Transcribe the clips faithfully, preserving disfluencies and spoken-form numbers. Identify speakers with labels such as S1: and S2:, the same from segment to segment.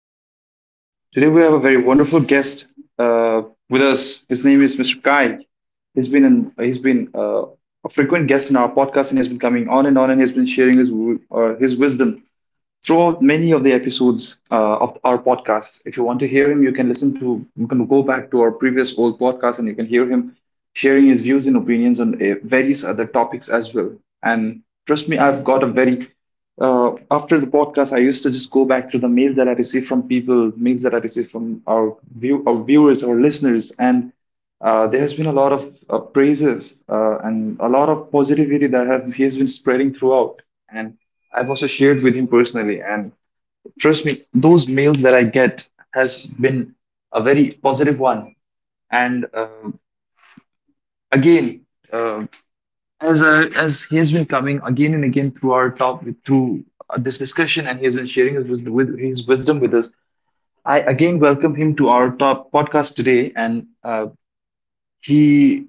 S1: today. Today we have a very wonderful guest uh, with us. His name is Mister Kyle. He's been an, he's been uh, a frequent guest in our podcast and has been coming on and on and has been sharing his w- uh, his wisdom throughout many of the episodes uh, of our podcast. If you want to hear him, you can listen to, you can go back to our previous old podcast and you can hear him sharing his views and opinions on uh, various other topics as well. And trust me, I've got a very, uh, after the podcast, I used to just go back through the mail that I received from people, mails that I received from our, view, our viewers, our listeners, and uh, there has been a lot of uh, praises uh, and a lot of positivity that have, he has been spreading throughout. And I've also shared with him personally, and trust me, those mails that I get has been a very positive one. And uh, again, uh, as uh, as he has been coming again and again through our top through uh, this discussion, and he has been sharing his wisdom with his wisdom with us. I again welcome him to our top podcast today, and uh, he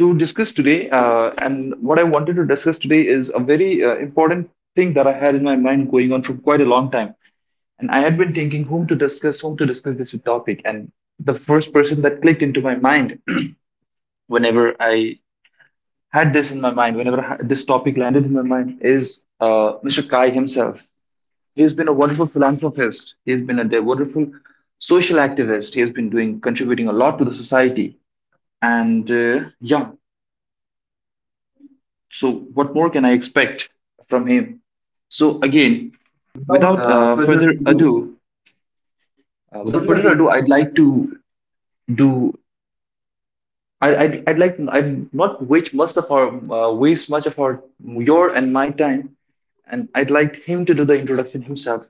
S1: to discuss today. Uh, and what I wanted to discuss today is a very uh, important thing that I had in my mind going on for quite a long time. And I had been thinking whom to discuss, whom to discuss this with topic. And the first person that clicked into my mind whenever I had this in my mind, whenever I this topic landed in my mind, is uh, Mister Kai himself. He has been a wonderful philanthropist. He has been a de- wonderful social activist. He has been doing contributing a lot to the society. And uh, yeah, so what more can I expect from him? So again, without uh, further
S2: Do.
S1: ado, uh, without
S2: That's what
S1: further
S2: I do.
S1: ado, I'd like to do I, I'd, I'd like I'd not waste much of our uh, waste much of our your and my time, and I'd like him to do the introduction himself.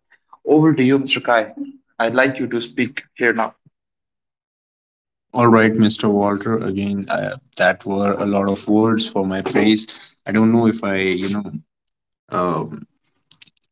S1: Over to you, Mister Kai. I'd like you to speak here now.
S2: All right, Mister Walter. Again, uh, that were a lot of words for my praise. I don't know if I, you know, uh,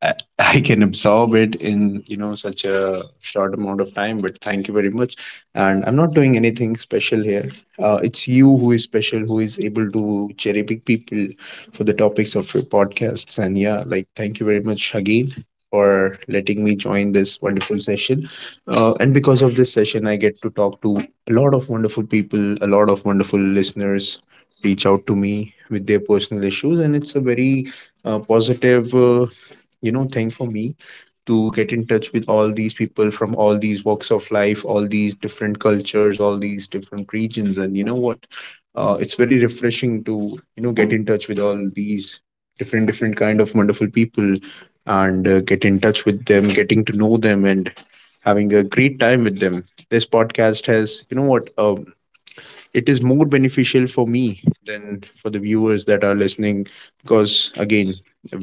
S2: I I can absorb it in you know such a short amount of time. But thank you very much. And I'm not doing anything special here. Uh, it's you who is special, who is able to cherry pick people for the topics of your podcasts. And yeah, like thank you very much again for letting me join this wonderful session. Uh, and because of this session, I get to talk to a lot of wonderful people, a lot of wonderful listeners reach out to me with their personal issues, and it's a very uh, positive uh, you know thing for me to get in touch with all these people, from all these walks of life, all these different cultures, all these different regions. And you know what, uh, it's very refreshing to you know get in touch with all these different different kind of wonderful people, and uh, get in touch with them, getting to know them, and having a great time with them. This podcast has, you know what um, it is more beneficial for me than for the viewers that are listening, because again,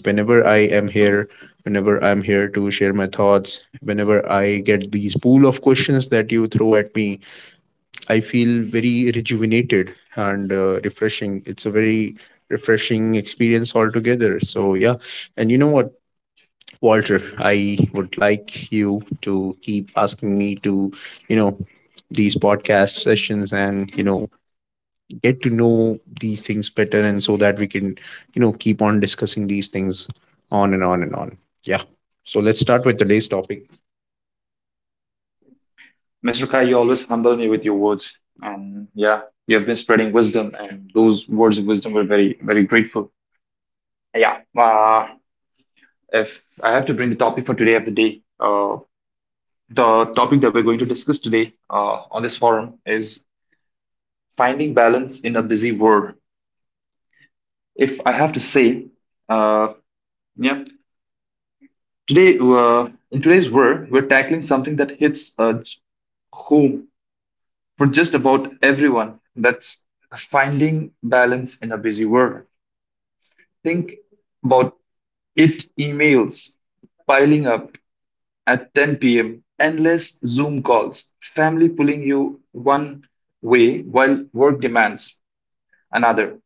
S2: whenever i am here whenever I'm here to share my thoughts, whenever I get these pool of questions that you throw at me, I feel very rejuvenated and uh, refreshing. It's a very refreshing experience altogether. So yeah, and you know what, Walter, I would like you to keep asking me to, you know, these podcast sessions, and you know, get to know these things better, and so that we can, you know, keep on discussing these things on and on and on. Yeah. So let's start with today's topic.
S1: Mister Kai, you always humble me with your words, and yeah, you have been spreading wisdom, and those words of wisdom were very very grateful. Yeah, uh, if I have to bring the topic for today of the day, uh, the topic that we're going to discuss today uh, on this forum is finding balance in a busy world. If I have to say, uh, yeah, today uh, in today's world, we're tackling something that hits uh, j- home for just about everyone. That's finding balance in a busy world. Think about it: emails piling up at ten p m, endless Zoom calls, family pulling you one way while work demands another.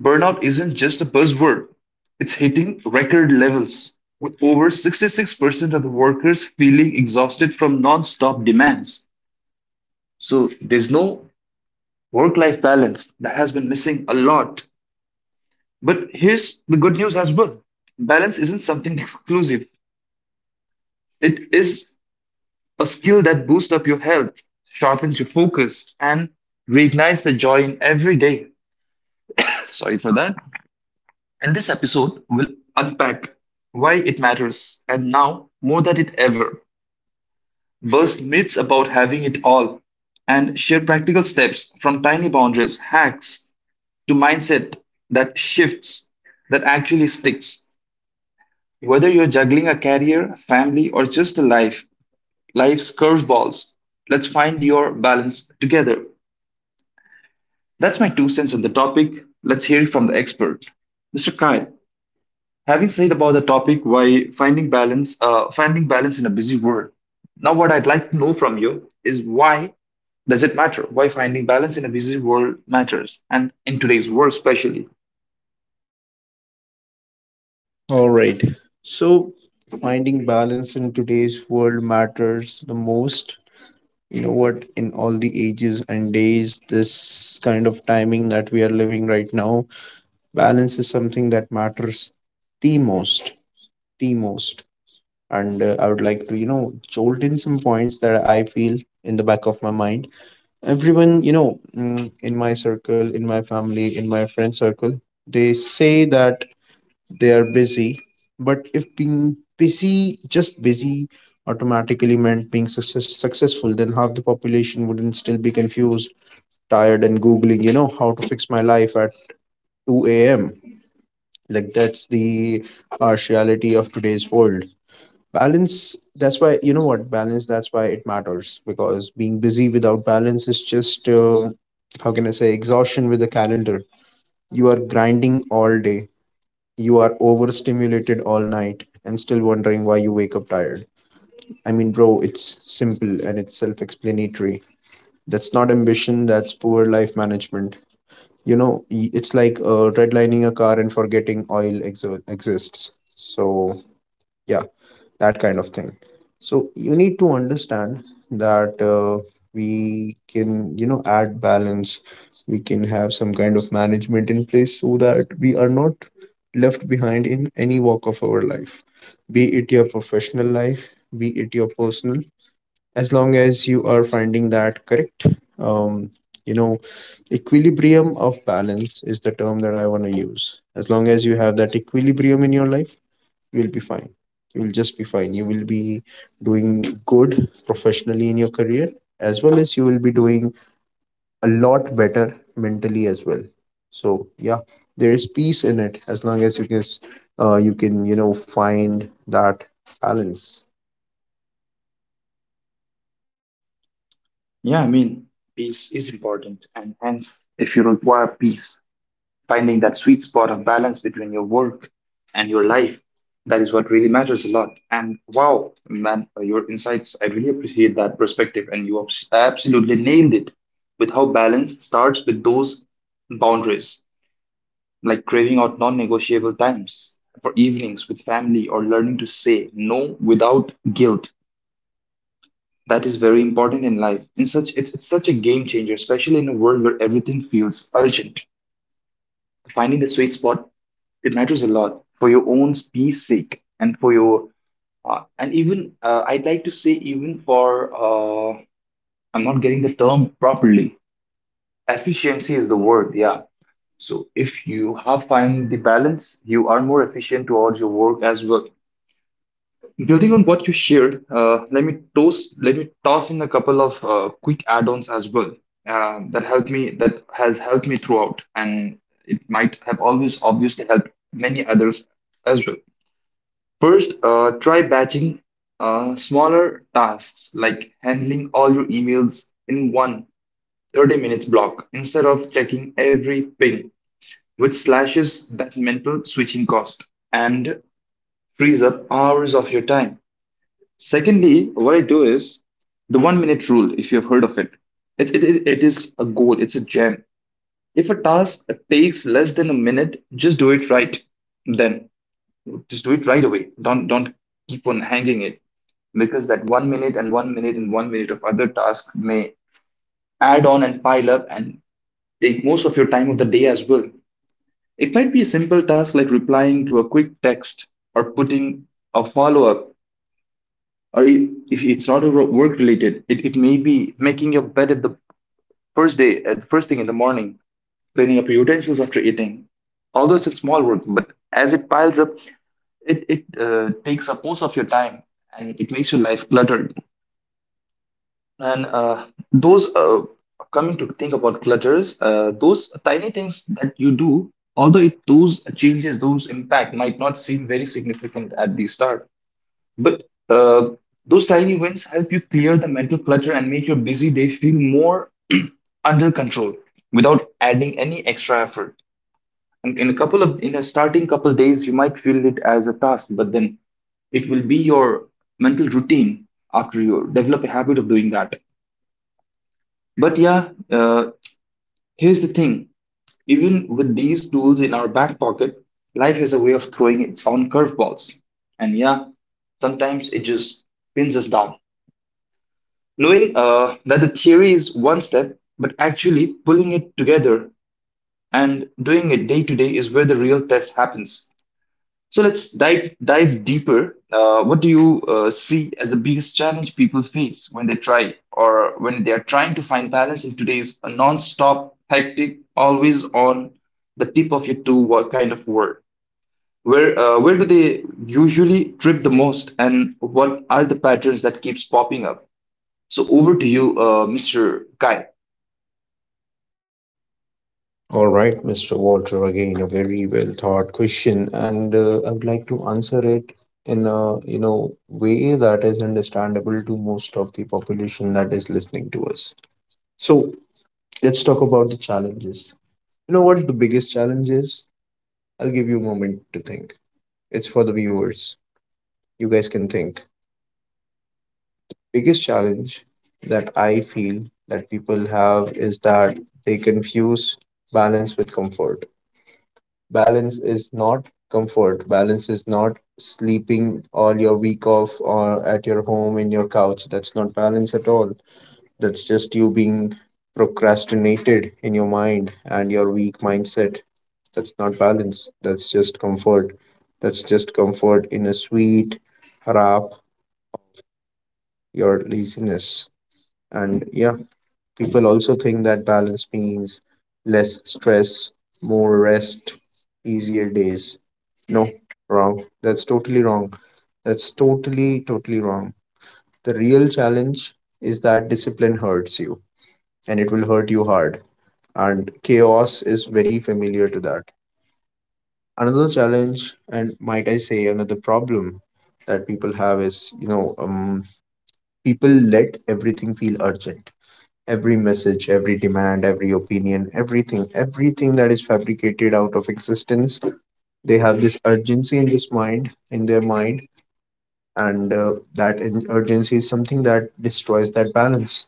S1: Burnout isn't just a buzzword, it's hitting record levels, with over sixty-six percent of the workers feeling exhausted from non stop demands. So there's no work life balance that has been missing a lot. But here's the good news as well, balance isn't something exclusive, it is a skill that boosts up your health, sharpens your focus, and reignites the joy in every day. Sorry for that. In this episode, we'll unpack why it matters and now more than it ever, burst myths about having it all, and share practical steps from tiny boundaries, hacks, to mindset that shifts, that actually sticks. Whether you're juggling a career, family, or just a life, life's curveballs, let's find your balance together. That's my two cents on the topic. Let's hear it from the expert. Mister Kyle, having said about the topic why finding balance, uh, finding balance in a busy world. Now, what I'd like to know from you is why does it matter? Why finding balance in a busy world matters, and in today's world especially.
S2: All right. So finding balance in today's world matters the most. You know what? In all the ages and days, this kind of timing that we are living right now, balance is something that matters the most. The most. And uh, I would like to, you know, jolt in some points that I feel in the back of my mind. Everyone, you know, mm, in my circle, in my family, in my friend circle, they say that they are busy. But if being busy, just busy, automatically meant being success- successful, then half the population wouldn't still be confused, tired, and Googling, you know, how to fix my life at two a m. Like, that's the harsh reality of today's world. Balance, that's why, you know what, balance, that's why it matters. Because being busy without balance is just, um, how can I say, exhaustion with the calendar. You are grinding all day, you are overstimulated all night, and still wondering why you wake up tired. I mean bro, it's simple and it's self-explanatory. That's not ambition, that's poor life management. You know, y- it's like uh, redlining a car and forgetting oil exo- exists. So yeah, that kind of thing. So you need to understand that uh, we can, you know, add balance, we can have some kind of management in place so that we are not left behind in any walk of our life. Be it your professional life, be it your personal, as long as you are finding that correct, um you know, equilibrium of balance is the term that I want to use. As long as you have that equilibrium in your life, you'll be fine. You'll just be fine. You will be doing good professionally in your career, as well as you will be doing a lot better mentally as well. So yeah, there is peace in it as long as you can s- uh, you can, you know, find that balance.
S1: Yeah, I mean, peace is important, and hence, if you require peace, finding that sweet spot of balance between your work and your life. That is what really matters a lot. And wow, man, your insights, I really appreciate that perspective. And you abs- absolutely nailed it with how balance starts with those boundaries, like craving out non negotiable times for evenings with family or learning to say no without guilt. That is very important in life. In such, it's, it's such a game changer, especially in a world where everything feels urgent. Finding the sweet spot, it matters a lot for your own peace sake and for your uh, and even uh, I'd like to say even for uh, I'm not getting the term properly. Efficiency is the word, yeah. So if you have find the balance, you are more efficient towards your work as well. Building on what you shared, uh, let me toss let me toss in a couple of uh, quick add-ons as well uh, that helped me that has helped me throughout, and it might have always obviously helped many others as well. First, uh, try batching uh, smaller tasks like handling all your emails in one thirty minutes block instead of checking every ping, which slashes that mental switching cost and frees up hours of your time. Secondly, what I do is the one minute rule, if you have heard of it. It, it, it it is a goal, it's a gem. If a task takes less than a minute, just do it right then. Just do it right away. Don't, don't keep on hanging it because that one minute and one minute and one minute of other tasks may add on and pile up and take most of your time of the day as well. It might be a simple task like replying to a quick text or putting a follow up, or if it's not work related, it, it may be making your bed at the first day, at the first thing in the morning, cleaning up your utensils after eating. Although it's a small work, but as it piles up, it, it uh, takes up most of your time and it makes your life cluttered. And uh, those, uh, coming to think about clutters, uh, those tiny things that you do, although it, those changes, those impact might not seem very significant at the start, but uh, those tiny wins help you clear the mental clutter and make your busy day feel more under control without adding any extra effort. And in a couple of, in a starting couple days, you might feel it as a task, but then it will be your mental routine after you develop a habit of doing that. But yeah, uh, here's the thing, even with these tools in our back pocket, life has a way of throwing its own curveballs. And yeah, sometimes it just pins us down. Knowing uh, that the theory is one step, but actually pulling it together and doing it day to day is where the real test happens. So let's dive dive deeper. Uh, what do you uh, see as the biggest challenge people face when they try or when they are trying to find balance in today's uh, non-stop, hectic, always on the tip of your toe wo- kind of world? Where uh, where do they usually trip the most, and what are the patterns that keeps popping up? So over to you, uh, Mister Kai.
S2: All right, Mr. Walter, again a very well thought question. And uh, I would like to answer it in a, you know, way that is understandable to most of the population that is listening to us. So let's talk about the challenges. You know what the biggest challenge is? I'll give you a moment to think. It's for the viewers. You guys can think. Biggest challenge that I feel that people have is that they confuse balance with comfort. Balance is not comfort. Balance is not sleeping all your week off or at your home in your couch. That's not balance at all. That's just you being procrastinated in your mind and your weak mindset. That's not balance. That's just comfort. That's just comfort in a sweet wrap, your laziness. And yeah, people also think that balance means less stress, more rest, easier days. No, wrong. That's totally wrong. That's totally, totally wrong. The real challenge is that discipline hurts you and it will hurt you hard. And chaos is very familiar to that. Another challenge, and might I say, another problem that people have is, you know, um, people let everything feel urgent. Every message, every demand, every opinion, everything, everything that is fabricated out of existence, they have this urgency in this mind, in their mind. And uh, that in- urgency is something that destroys that balance.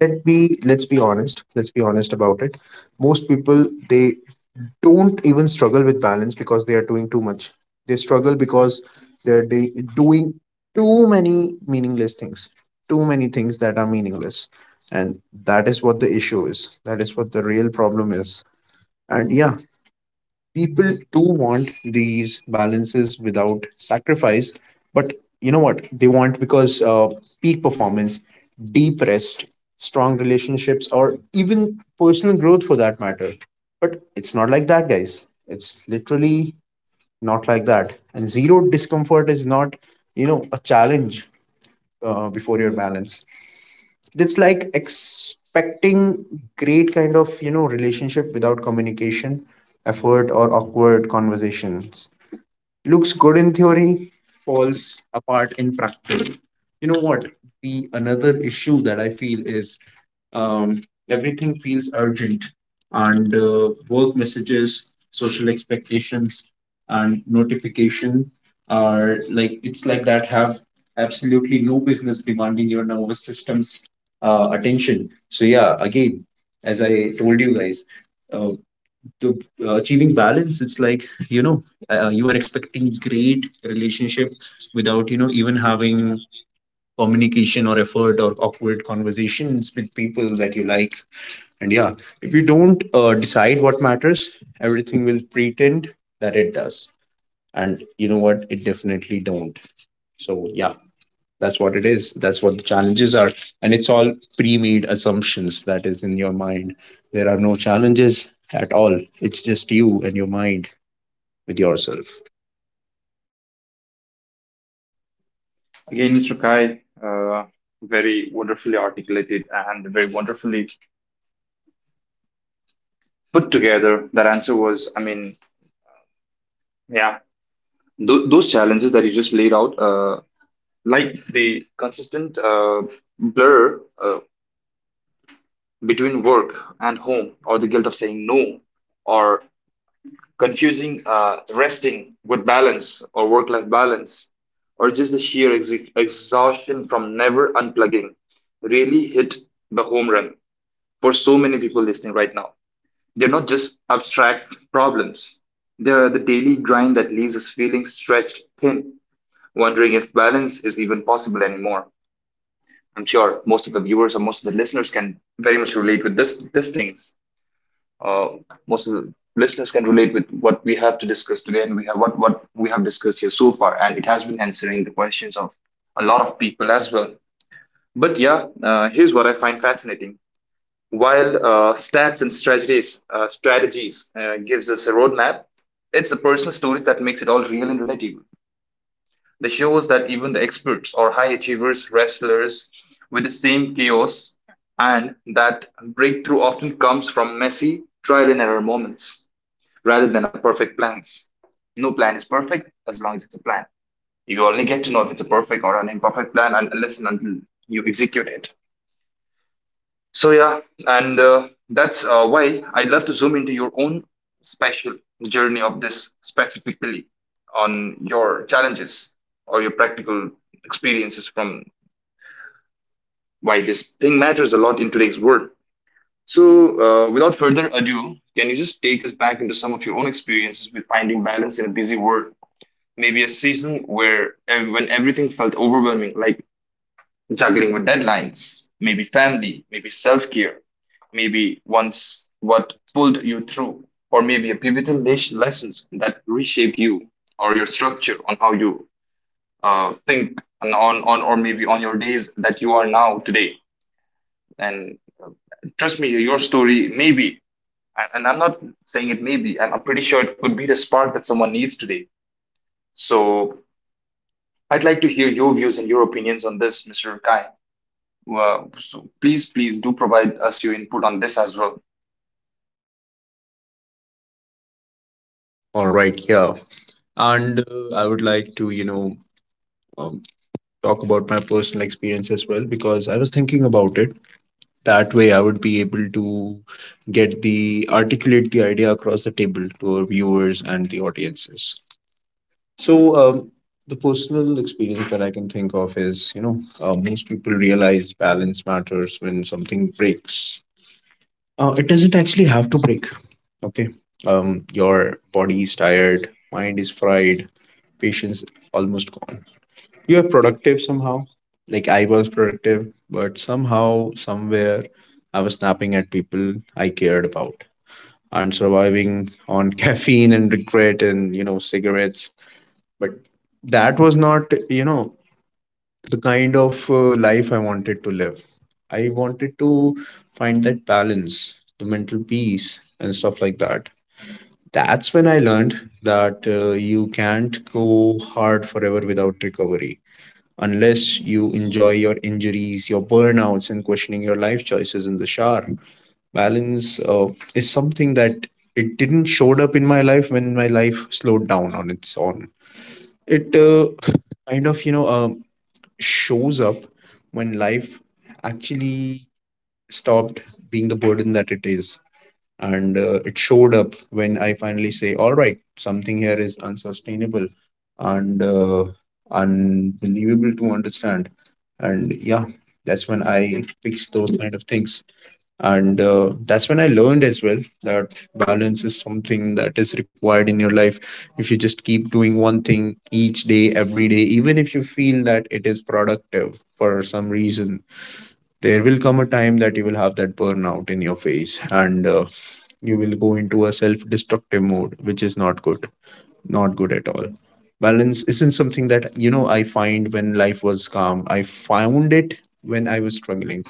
S2: Let be, let's be honest. Let's be honest about it. Most people, they don't even struggle with balance because they are doing too much. They struggle because they're de- doing too many meaningless things, too many things that are meaningless. And that is what the issue is. That is what the real problem is. And yeah, people do want these balances without sacrifice. But you know what they want, because uh, peak performance, deep rest, strong relationships, or even personal growth for that matter. But it's not like that guys, it's literally not like that. And zero discomfort is not, you know, a challenge uh, before your balance. It's like expecting great kind of, you know, relationship without communication, effort, or awkward conversations. Looks good in theory, falls apart in practice. You know what, the another issue that I feel is, um, everything feels urgent. And uh, work messages, social expectations, and notification are like, it's like that have absolutely no business demanding your nervous system's uh, attention. So yeah, again, as I told you guys, uh, to uh, achieving balance, it's like, you know, uh, you are expecting great relationship without, you know, even having communication or effort or awkward conversations with people that you like. And yeah, if you don't uh, decide what matters, everything will pretend that it does. And you know what, it definitely don't. So yeah, that's what it is, that's what the challenges are. And it's all pre-made assumptions that is in your mind. There are no challenges at all. It's just you and your mind with yourself.
S1: Again, Mister Kai, uh, very wonderfully articulated and very wonderfully put together. That answer was, I mean, yeah, Th- those challenges that you just laid out, uh, like the consistent uh, blur uh, between work and home, or the guilt of saying no, or confusing uh, resting with balance or work life balance, or just the sheer ex- exhaustion from never unplugging, really hit the home run for so many people listening right now. They're not just abstract problems, they're the daily grind that leaves us feeling stretched thin wondering if balance is even possible anymore. I'm sure most of the viewers or most of the listeners can very much relate with this these things. Uh, Most of the listeners can relate with what we have to discuss today, and we have what what we have discussed here so far, and it has been answering the questions of a lot of people as well. But yeah, uh, here's what I find fascinating. While uh, stats and strategies uh, strategies uh, gives us a roadmap, it's the personal stories that makes it all real and relatable. This shows that even the experts or high achievers wrestlers with the same chaos, and that breakthrough often comes from messy trial and error moments rather than a perfect plans. No plan is perfect as long as it's a plan. You only get to know if it's a perfect or an imperfect plan and unless and until you execute it. So yeah, and uh, that's uh, why I love to zoom into your own special journey of this specifically on your challenges or your practical experiences from why this thing matters a lot in today's world. So uh, without further ado, can you just take us back into some of your own experiences with finding balance in a busy world? Maybe a season where ev- when everything felt overwhelming, like juggling with deadlines, maybe family, maybe self care, maybe once what pulled you through, or maybe a pivotal les- lessons that reshaped you or your structure on how you uh, think and on, on or maybe on your days that you are now today. And uh, trust me, your story maybe, and and I'm not saying it maybe, I'm, I'm pretty sure it could be the spark that someone needs today. So I'd like to hear your views and your opinions on this, mister Kai. Well, so please, please do provide us your input on this as well.
S2: All right, yeah. And uh, I would like to, you know, um, talk about my personal experience as well, because I was thinking about it. That way, I would be able to get the articulate the idea across the table to our viewers and the audiences. So, um, the personal experience that I can think of is, you know, uh, most people realize balance matters when something breaks. Uh, it doesn't actually have to break. Okay. Um, your body is tired, mind is fried, patience almost gone. You are productive somehow. Like I was productive, but somehow, somewhere, I was snapping at people I cared about and surviving on caffeine and regret and, you know, cigarettes. But that was not, you know, the kind of uh, life I wanted to live. I wanted to find that balance, the mental peace, and stuff like that. That's when I learned that uh, you can't go hard forever without recovery, unless you enjoy your injuries, your burnouts, and questioning your life choices in the shower. Balance uh, is something that it didn't showed up in my life when my life slowed down on its own. It uh, kind of, you know, um shows up when life actually stopped being the burden that it is. And uh, It showed up when I finally say, all right, something here is unsustainable and uh, unbelievable to understand, and yeah, that's when I fixed those kind of things. And uh, that's when I learned as well that balance is something that is required in your life. If you just keep doing one thing each day, every day, even if you feel that it is productive for some reason, there will come a time that you will have that burnout in your face, and uh, you will go into a self destructive mode, which is not good. Not good at all. Balance isn't something that you know I find when life was calm. I found it when I was struggling.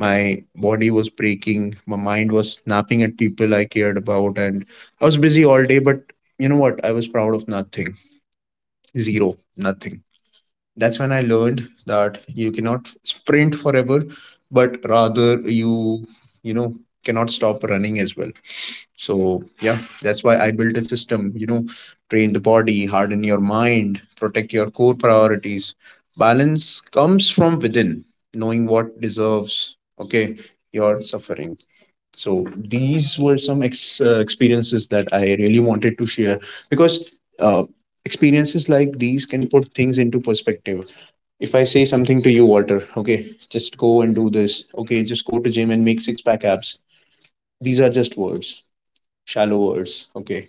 S2: My body was breaking, my mind was snapping at people I cared about, and I was busy all day. But you know what I was proud of nothing. Zero. Nothing. That's when I learned that you cannot sprint forever, but rather you you know cannot stop running as well. So yeah, that's why I built a system. You know, train the body, harden your mind, protect your core priorities. Balance comes from within, knowing what deserves okay your suffering. So these were some ex- uh, experiences that I really wanted to share, because uh, experiences like these can put things into perspective. If I say something to you, Walter, okay, just go and do this. Okay, just go to gym and make six pack abs. These are just words, shallow words. Okay.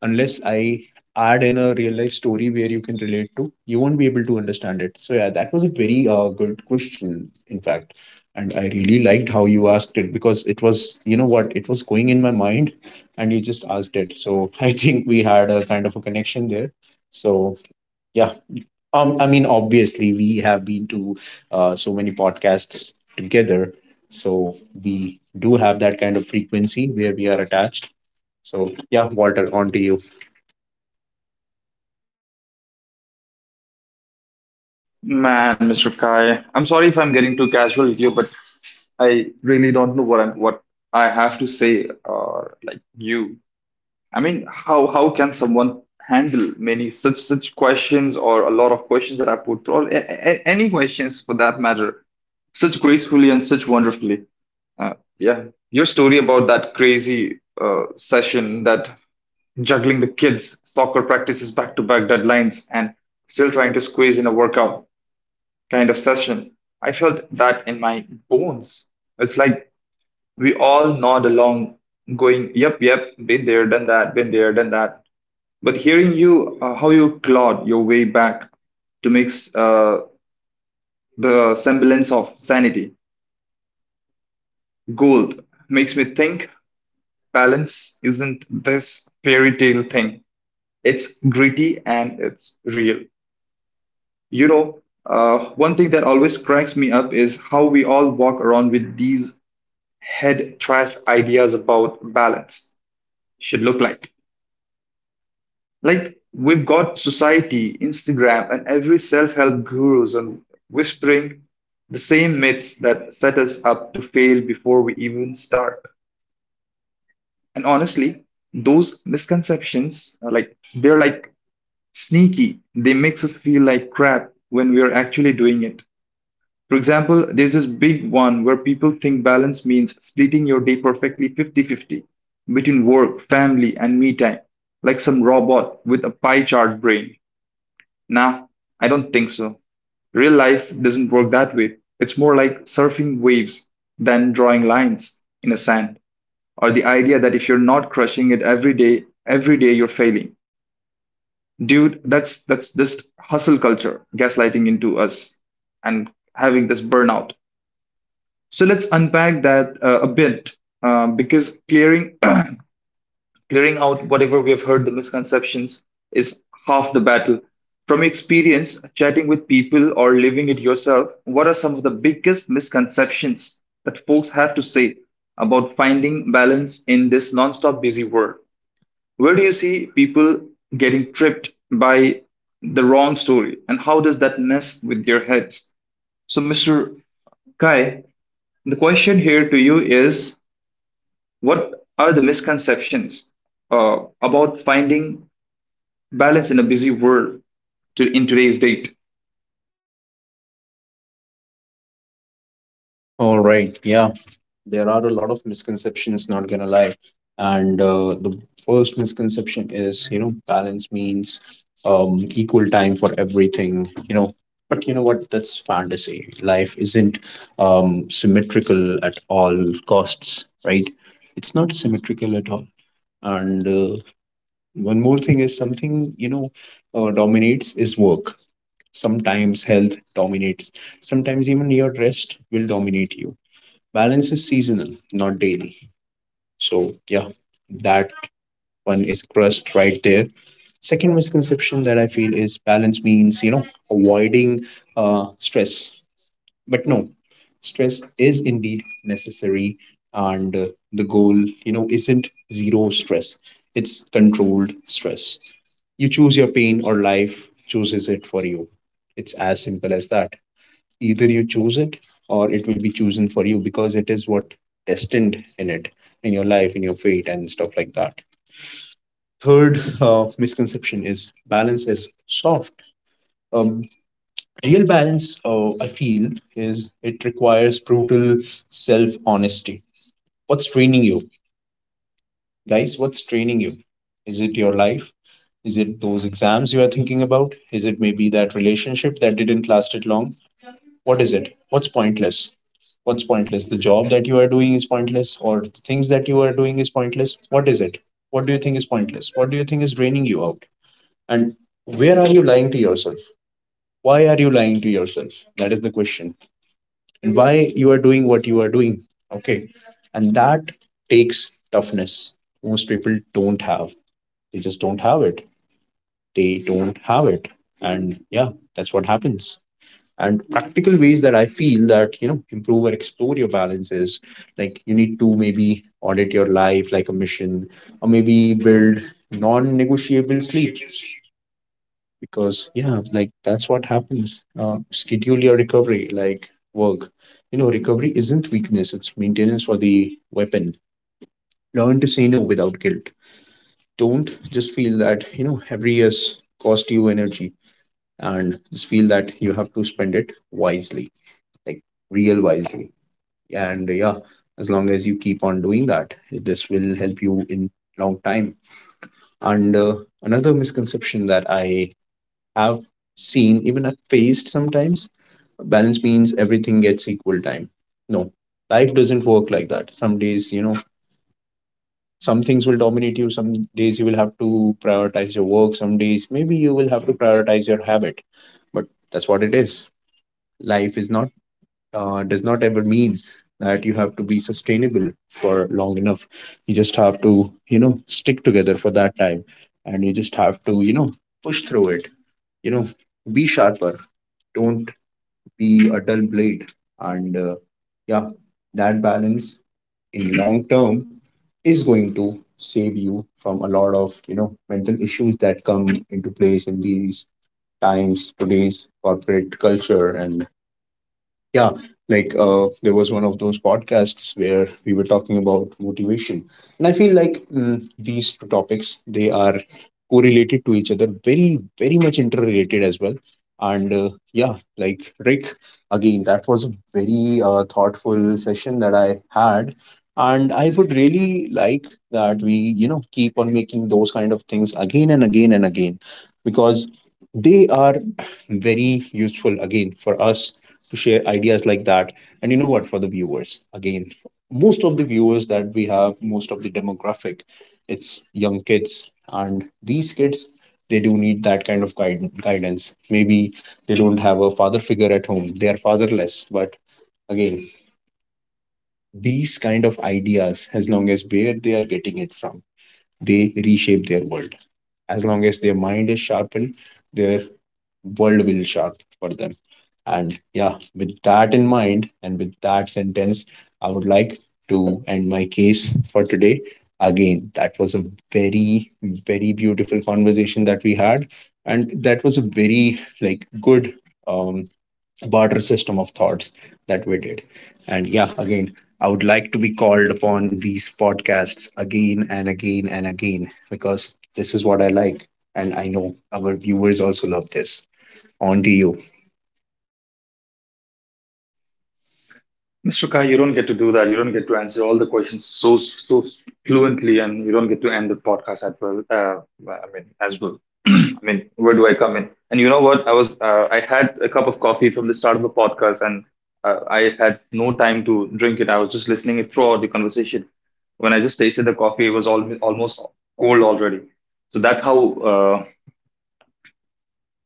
S2: Unless I add in a real life story where you can relate to, you won't be able to understand it. So yeah, that was a very uh, good question, in fact. And I really liked how you asked it because it was, you know what, it was going in my mind and you just asked it. So I think we had a kind of a connection there. So yeah. Um, I mean, obviously, we have been to uh, so many podcasts together. So we do have that kind of frequency where we are attached. So, yeah, Walter, on to you.
S1: Man, mister Kai, I'm sorry if I'm getting too casual with you, but I really don't know what I'm what I have to say or like you. I mean, how how can someone handle many such such questions or a lot of questions that I put through, or a- a- any questions for that matter, such gracefully and such wonderfully? Uh, yeah, your story about that crazy uh, session that juggling the kids, soccer practices back to back deadlines, and still trying to squeeze in a workout kind of session. I felt that in my bones. It's like we all nod along, going, yep, yep, been there, done that, been there, done that. But hearing you, uh, how you clawed your way back to mix uh, the semblance of sanity, gold, makes me think balance isn't this fairy tale thing. It's gritty and it's real. You know, uh, one thing that always cracks me up is how we all walk around with these head trash ideas about balance should look like. Like we've got society, Instagram, and every self-help gurus and whispering the same myths that set us up to fail before we even start. And honestly, those misconceptions are like they're like sneaky. They makes us feel like crap when we are actually doing it. For example, there's this big one where people think balance means splitting your day perfectly fifty fifty between work, family, and me time, like some robot with a pie chart brain. Nah, I don't think so. Real life doesn't work that way. It's more like surfing waves than drawing lines in a sand, or the idea that if you're not crushing it every day, every day you're failing. Dude, that's that's just hustle culture gaslighting into us and having this burnout. So let's unpack that uh, a bit um, because clearing clearing out whatever we have heard the misconceptions is half the battle. From your experience chatting with people or living it yourself, what are some of the biggest misconceptions that folks have to say about finding balance in this nonstop busy world? Where do you see people getting tripped by the wrong story and how does that mess with their heads? So, mister Kai, the question here to you is, what are the misconceptions uh, about finding balance in a busy world to, in today's date?
S2: All right. Yeah. There are a lot of misconceptions, not gonna lie. And uh, the first misconception is, you know, balance means um, equal time for everything, you know. But you know what? That's fantasy. Life isn't um, symmetrical at all costs, right? It's not symmetrical at all. And uh, one more thing is something, you know, uh, dominates is work. Sometimes health dominates. Sometimes even your rest will dominate you. Balance is seasonal, not daily. So, yeah, that one is crushed right there. Second misconception that I feel is balance means, you know, avoiding uh, stress. But no, stress is indeed necessary. And uh, the goal, you know, isn't zero stress, it's controlled stress. You choose your pain or life chooses it for you. It's as simple as that. Either you choose it or it will be chosen for you, because it is what destined in it, in your life, in your fate, and stuff like that. Third uh, misconception is balance is soft. um, Real balance uh, I feel is it requires brutal self honesty. What's draining you? Guys, what's draining you? Is it your life? Is it those exams you are thinking about? Is it maybe that relationship that didn't last it long? What is it? What's pointless? What's pointless? The job that you are doing is pointless, or the things that you are doing is pointless? What is it? What do you think is pointless? What do you think is draining you out? And where are you lying to yourself? Why are you lying to yourself? That is the question. And why you are doing what you are doing? Okay. And that takes toughness most people don't have. They just don't have it. They don't have it. And yeah, that's what happens. And practical ways that I feel that, you know, improve or explore your balances, like you need to maybe audit your life like a mission, or maybe build non-negotiable sleep, because yeah, like that's what happens. Uh, schedule your recovery like work. You know, recovery isn't weakness, it's maintenance for the weapon. Learn to say no without guilt. Don't just feel that, you know, every year's cost you energy, and just feel that you have to spend it wisely. Like, real wisely. And yeah, as long as you keep on doing that, this will help you in long time. And uh, another misconception that I have seen even at faced sometimes, balance means everything gets equal time. No. Life doesn't work like that. Some days, you know, some things will dominate you. Some days you will have to prioritize your work. Some days maybe you will have to prioritize your habit. But that's what it is. Life is not uh, does not ever mean that you have to be sustainable for long enough. You just have to, you know, stick together for that time, and you just have to, you know, push through it. You know, be sharper. Don't be a dull blade. And uh, yeah, that balance in long term is going to save you from a lot of, you know, mental issues that come into place in these times, today's corporate culture. And yeah, like uh, there was one of those podcasts where we were talking about motivation, and I feel like mm, these two topics, they are correlated to each other, very very much interrelated as well. And uh, yeah, like Rick, again, that was a very uh, thoughtful session that I had, and I would really like that we, you know, keep on making those kind of things again and again and again, because they are very useful again for us to share ideas like that. And you know what? For the viewers, again, most of the viewers that we have, most of the demographic, it's young kids. And these kids, they do need that kind of guide- guidance. Maybe they don't have a father figure at home, they are fatherless. But again, these kind of ideas, as long as where they are getting it from, they reshape their world. As long as their mind is sharpened, their world will sharp for them. And yeah, with that in mind and with that sentence, I would like to end my case for today. Again, that was a very, very beautiful conversation that we had. And that was a very like good um, barter system of thoughts that we did. And yeah, again, I would like to be called upon these podcasts again and again and again because this is what I like. And I know our viewers also love this. On to you.
S1: mister Kai, you don't get to do that. You don't get to answer all the questions so so fluently, and you don't get to end the podcast as well. Uh, well, I mean, as well. I mean, where do I come in? And you know what? I was uh, I had a cup of coffee from the start of the podcast, and uh, I had no time to drink it. I was just listening it throughout the conversation. When I just tasted the coffee, it was al- almost cold already. So that's how uh,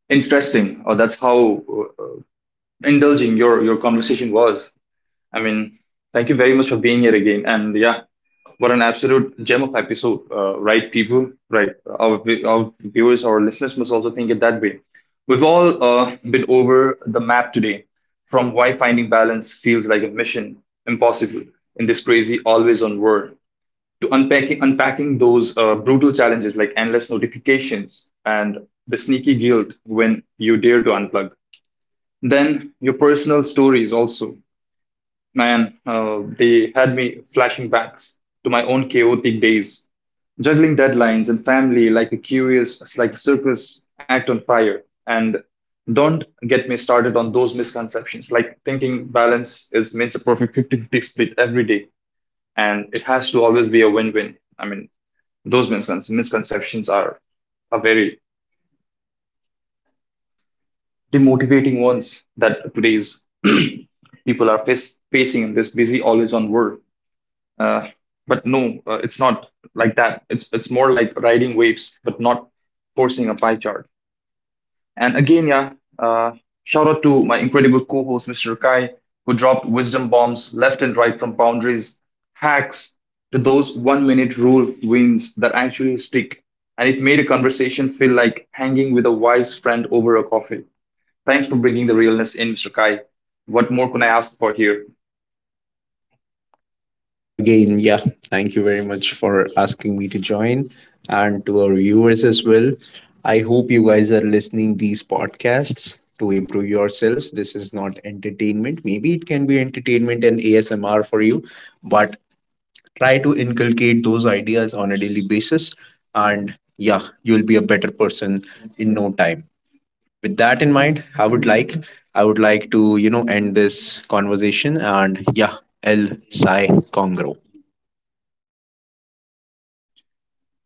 S1: interesting or that's how uh, indulging your your conversation was. I mean, thank you very much for being here again, and yeah, what an absolute gem of episode. Uh, right people, right? Our, vi- our viewers, our listeners must also think it that way. We've all uh, been over the map today, from why finding balance feels like a mission impossible in this crazy always on world to unpacking unpacking those uh, brutal challenges like endless notifications and the sneaky guilt when you dare to unplug, then your personal stories also. Man, uh, they had me flashing back to my own chaotic days, juggling deadlines and family like a curious, like a circus act on fire. And don't get me started on those misconceptions, like thinking balance is means a perfect fifty fifty split every day, and it has to always be a win-win. I mean, those miscon- misconceptions are are very demotivating ones that today's people are face, facing in this busy, always on world. Uh, but no, uh, it's not like that. It's it's more like riding waves, but not forcing a pie chart. And again, yeah, uh, shout out to my incredible co-host, mister Kai, who dropped wisdom bombs left and right from boundaries, hacks to those one minute rule wins that actually stick. And it made a conversation feel like hanging with a wise friend over a coffee. Thanks for bringing the realness in, mister Kai. What more can I ask for here?
S2: Again, yeah, thank you very much for asking me to join, and to our viewers as well. I hope you guys are listening these podcasts to improve yourselves. This is not entertainment. Maybe it can be entertainment and A S M R for you, but try to inculcate those ideas on a daily basis, and yeah, you'll be a better person in no time. With that in mind, I would like I would like to, you know, end this conversation and yeah, El Sai Congro.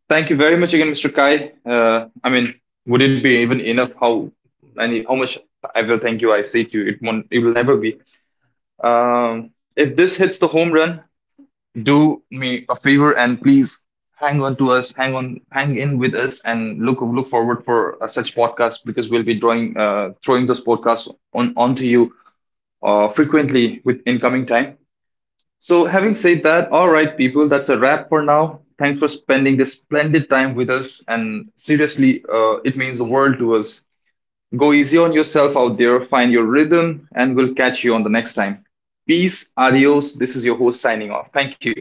S1: Thank you very much again, mister Kai. Uh, I mean, would it be even enough how many how much I will thank you I say to you? It won't. It will never be. Um, if this hits the home run, do me a favor and please hang on to us, hang on, hang in with us, and look look forward for uh, such podcasts because we'll be drawing uh, throwing those podcasts on onto you uh, frequently with incoming time. So, having said that, all right, people, that's a wrap for now. Thanks for spending this splendid time with us. And seriously, uh, it means the world to us. Go easy on yourself out there, find your rhythm, and we'll catch you on the next time. Peace, adios. This is your host signing off. Thank you.